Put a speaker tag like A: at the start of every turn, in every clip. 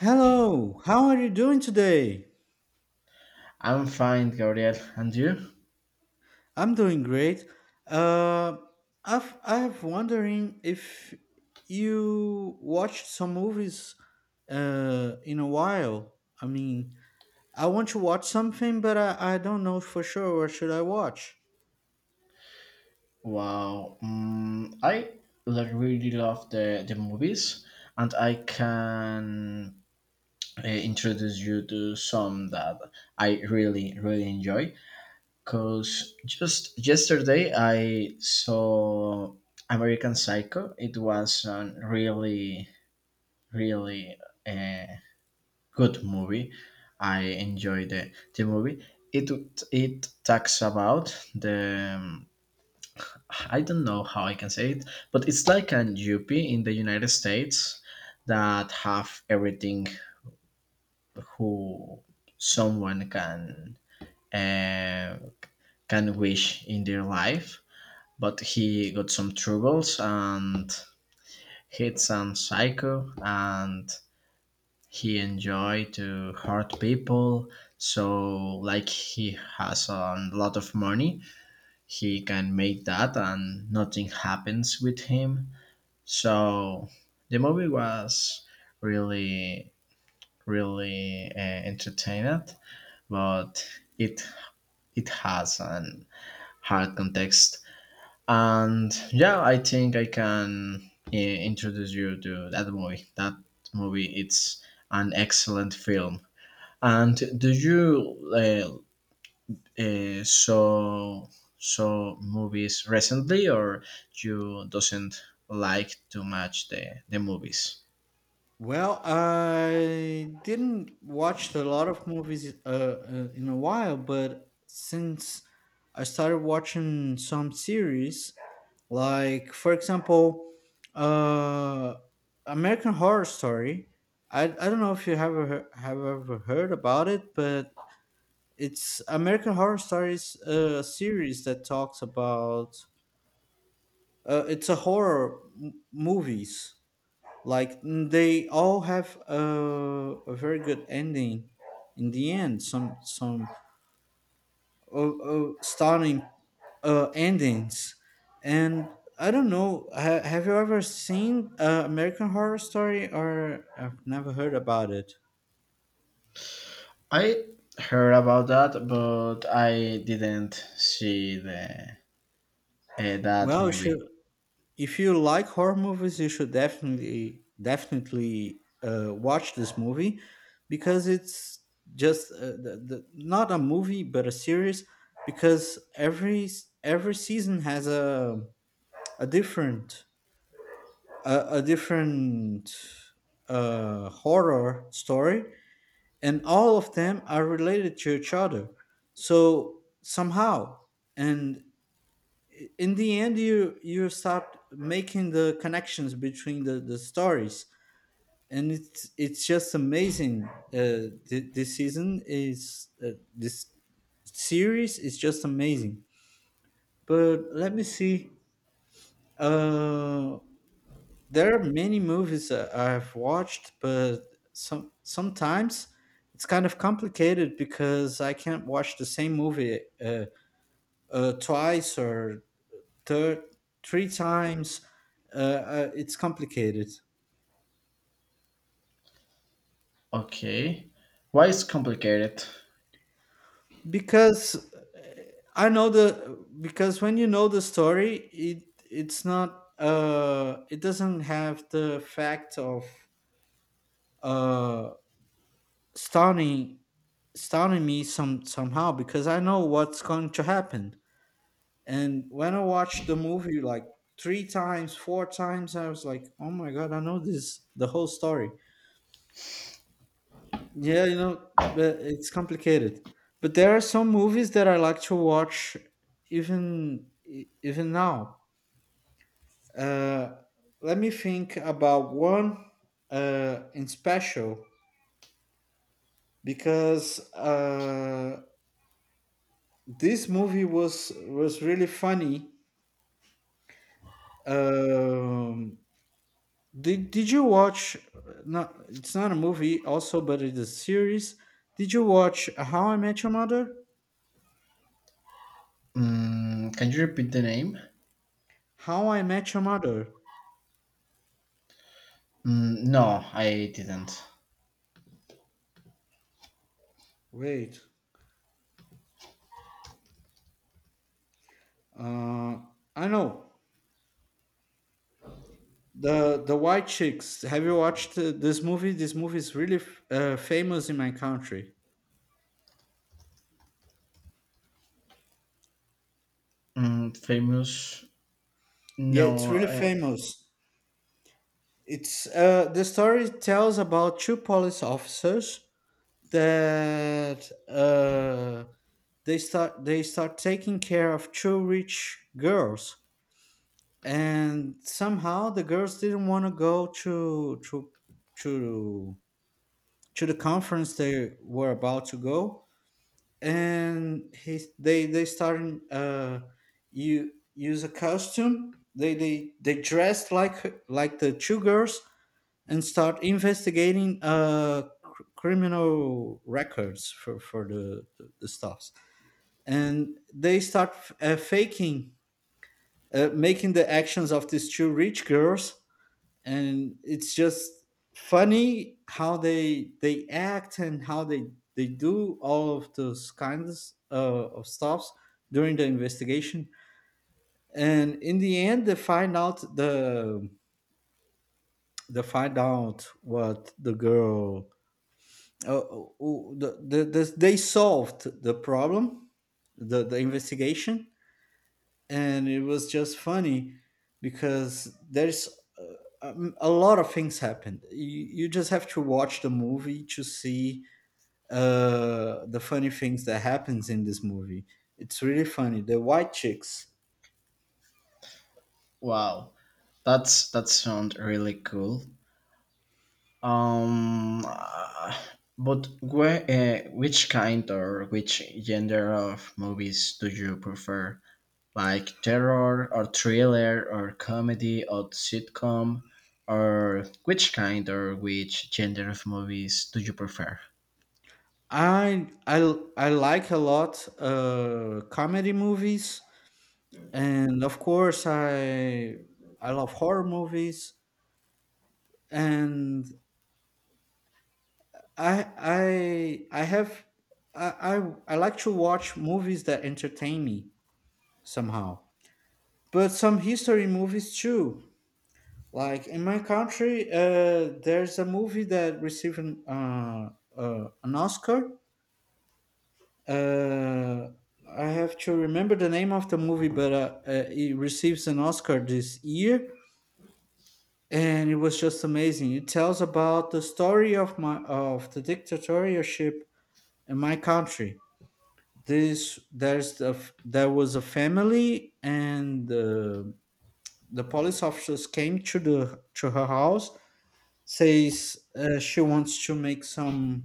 A: Hello, how are you doing today?
B: I'm fine, Gabriel. And you?
A: I'm doing great. Uh, I've wondering if you watched some movies in a while. I mean, I want to watch something, but I don't know for sure what should I watch.
B: Wow. I really love the movies, and I can introduce you to some that I really really enjoy. Cause just yesterday I saw American Psycho. It was a really really uh, good movie. I enjoyed the movie. It it talks about the I don't know how I can say it, but it's like an UP in the United States that have everything who someone uh, can wish in their life. But he got some troubles and hit some psycho, and he enjoy to hurt people. So like he has a lot of money, he can make that, and nothing happens with him. So the movie was really, really entertained, but it it has an hard context. And yeah, I think I can introduce you to that movie. That movie, it's an excellent film. And do you uh, uh, saw saw movies recently, or you doesn't like too much the movies?
A: Well, I didn't watch a lot of movies in a while, but since I started watching some series, like, for example, uh, American Horror Story. I don't know if you have ever heard about it, but it's American Horror Stories, a series that talks about it's a horror movies. Like they all have a very good ending in the end. Some of starting endings. And I don't know, have you ever seen American Horror Story or I've never heard about it?
B: I heard about that, but I didn't see the that
A: Well, you should,
B: movie.
A: if you like horror movies, you should definitely watch this movie because it's just not a movie but a series because every every season has a different a different horror story, and all of them are related to each other. So somehow, and in the end, you start making the connections between the stories, and it's just amazing. This season is this series is just amazing. But let me see. Uh, there are many movies I've watched, but sometimes it's kind of complicated because I can't watch the same movie twice or thir- three times. It's complicated
B: Okay, why is complicated?
A: because I know the because when you know the story, it's not it doesn't have the fact of uh stunning stunning me somehow because I know what's going to happen. And when I watched the movie like three times, four times, I was like, oh my God, I know this, the whole story. Yeah, but it's complicated. But there are some movies that I like to watch even even now. Uh, Let me think about one in special because this movie was really funny. Um, Did did you watch? Not it's not a movie, also, but it is a series. Did you watch How I Met Your Mother?
B: Mm, can you repeat the name?
A: How I Met Your Mother.
B: Mm, no, I didn't.
A: Wait, uh, I know the White Chicks. Have you watched this movie? This movie is really famous in my country.
B: Mm, famous?
A: Yeah, it's
B: No.
A: really
B: I,
A: famous. It's the story tells about two police officers that they start taking care of two rich girls, and somehow the girls didn't want to go to to the conference they were about to go, and he they started you use a costume. They dressed like the two girls and start investigating criminal records for the the stuff, and they start faking, making the actions of these two rich girls, and it's just funny how they act and how they do all of those kinds of stuffs during the investigation. And in the end, they find out what the girl they solved the problem, the investigation, and it was just funny because there's uh, a lot of things happened. You just have to watch the movie to see the funny things that happens in this movie. It's really funny. The White Chicks.
B: wow, that sounds really cool. Um, uh, but where, which kind or which gender of movies do you prefer? Like terror or thriller or comedy or sitcom or which kind or which gender of movies do you prefer?
A: I like a lot comedy movies, and of course I love horror movies, and I have I like to watch movies that entertain me somehow, but some history movies too. Like in my country, there's a movie that received an Oscar. Uh, I have to remember the name of the movie, but it receives an Oscar this year, and it was just amazing. It tells about the story of my of the dictatorship in my country. This there's the There was a family, and the police officers came to her house. Says she wants to make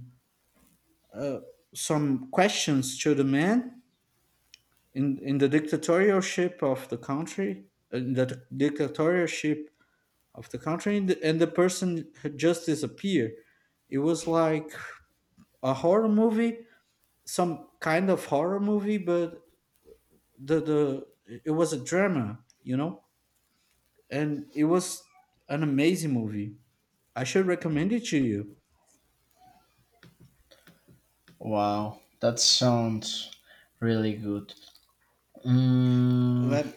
A: uh, some questions to the man in the dictatorship of the country, in the dictatorship and the person had just disappeared. It was like a horror movie, some kind of horror movie, but the it was a drama, you know, and it was an amazing movie. I should recommend it to you.
B: Wow, that sounds really good. Mm,
A: Let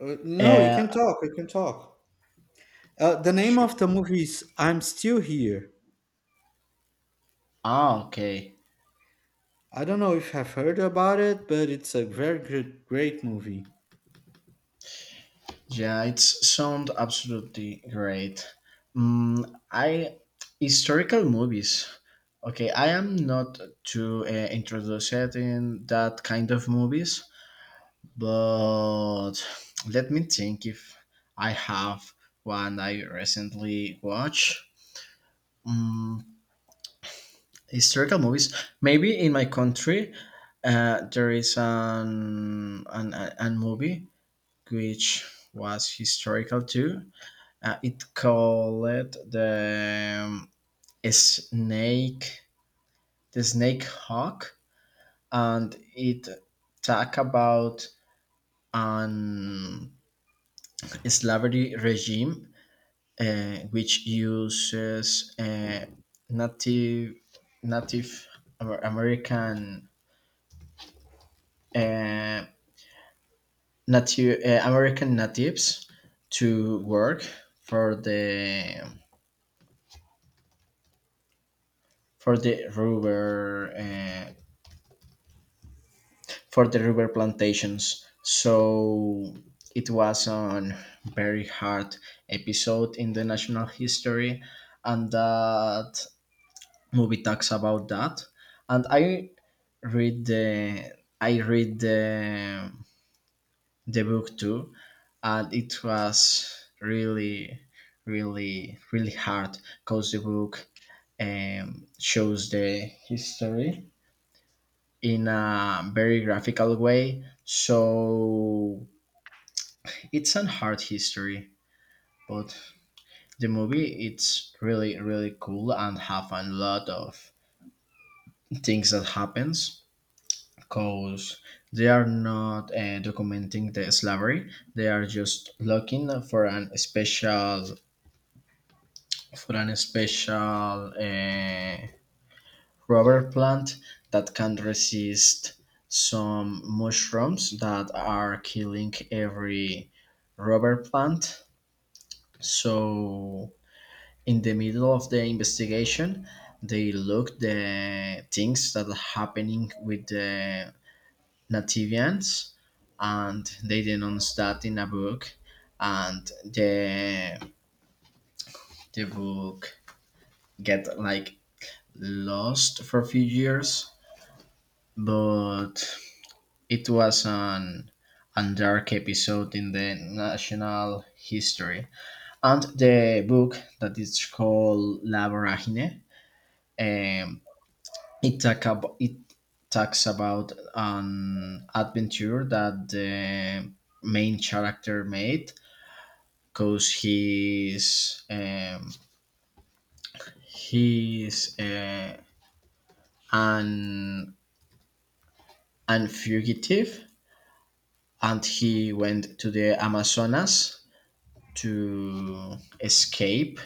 A: no, you can
B: uh,
A: talk. You can talk. The name
B: sure.
A: of the movie is "I'm Still Here."
B: Ah, okay.
A: I don't know if I've heard about it, but it's a very good, great movie.
B: Yeah, it sounds absolutely great. I historical movies. Okay, I am not too introduced in that kind of movies. But let me think if I have one I recently watched. Mm, historical movies. Maybe in my country, there is an movie which was historical too. It called the snake, the snake hawk, and it talk about an slavery regime which uses native Native American uh, native American natives to work for the rubber for the rubber plantations. So it was a very hard episode in the national history, and that movie talks about that. And read the I read the book too, and it was really, really, really hard because the book shows the history in a very graphical way. So it's a hard history, but the movie it's really, really cool and have a lot of things that happens because they are not documenting the slavery. They are just looking for an special for an special uh, rubber plant that can resist some mushrooms that are killing every rubber plant. So in the middle of the investigation they look the things that are happening with the Latvians, and they denounced that in a book, and the book get like lost for a few years, but it was an a dark episode in the national history. And the book that is called La Voragine, um, it talks about an adventure that the main character made because he's an an fugitive, and he went to the Amazonas to escape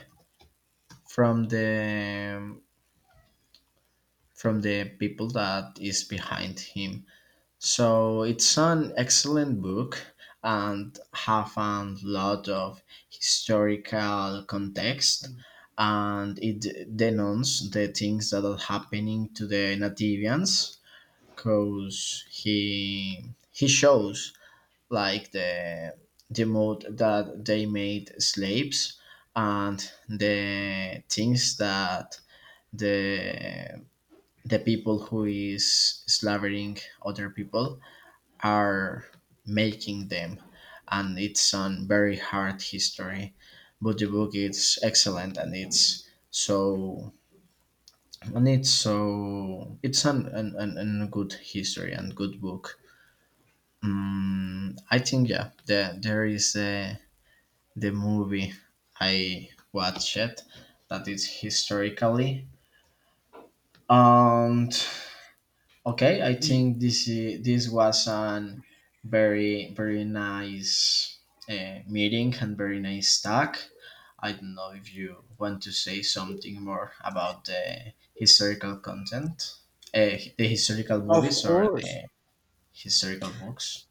B: from the people that is behind him. So it's an excellent book and have a lot of historical context, and it denounces the things that are happening to the Nativians because he shows like the mode that they made slaves, and the things that the the people who is slavering other people are making them. And it's on very hard history, but the book is excellent and it's so it's an good history and good book. Mm, I think yeah there is the movie I watched that is historically. And okay, I
A: Ye-
B: think this was an very very nice meeting and very nice talk. I don't know if you want to say something more about the historical content, the historical
A: Of
B: movies or
A: course.
B: the historical books.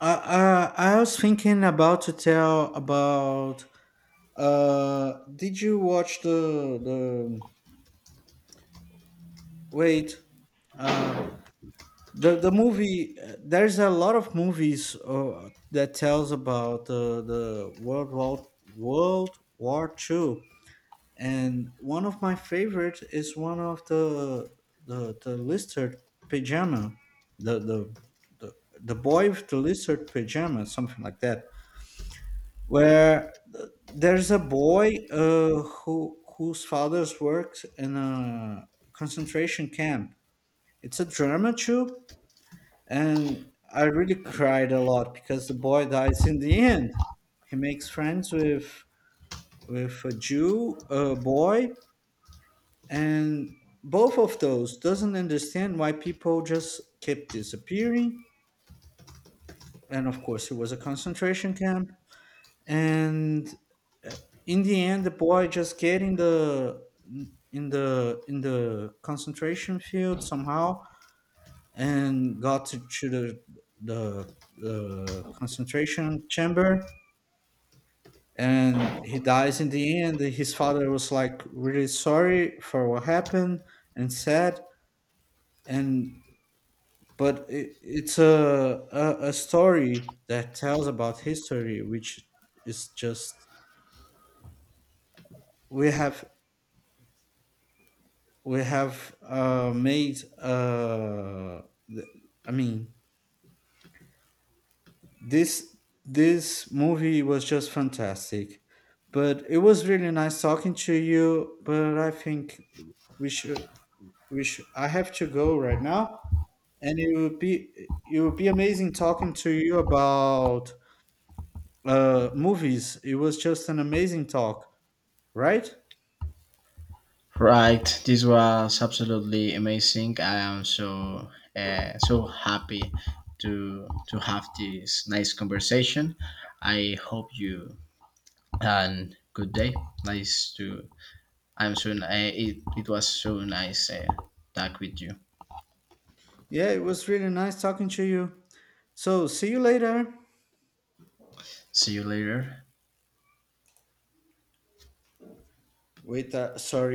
A: I, I I was thinking about to tell about. Uh, did you watch the? Wait. Uh, the movie there's a lot of movies that tells about the world war two, and one of my favorite is one of the lizard pajama, the, the the the boy with the lizard pajama, something like that, where there's a boy whose father's works in a concentration camp. It's a drama too, and I really cried a lot because the boy dies in the end. He makes friends with a Jew, a boy, and both of those doesn't understand why people just kept disappearing. And of course, it was a concentration camp. And uh, in the end, the boy just get in the in the in the concentration field somehow, and got to the the concentration chamber, and he dies in the end. His father was like really sorry for what happened and sad, and but it's a story that tells about history which is just we have we have made i mean This this movie was just fantastic. But it was really nice talking to you, but I think we should we should I have to go right now, and it would be amazing talking to you about movies. It was just an amazing talk, right?
B: Right, this was absolutely amazing. I am so so happy to have this nice conversation. I hope you and good day. Nice to. I'm so. It it was so nice talk with you.
A: Yeah, it was really nice talking to you. So, see you later.
B: See you later.
A: Wait, sorry,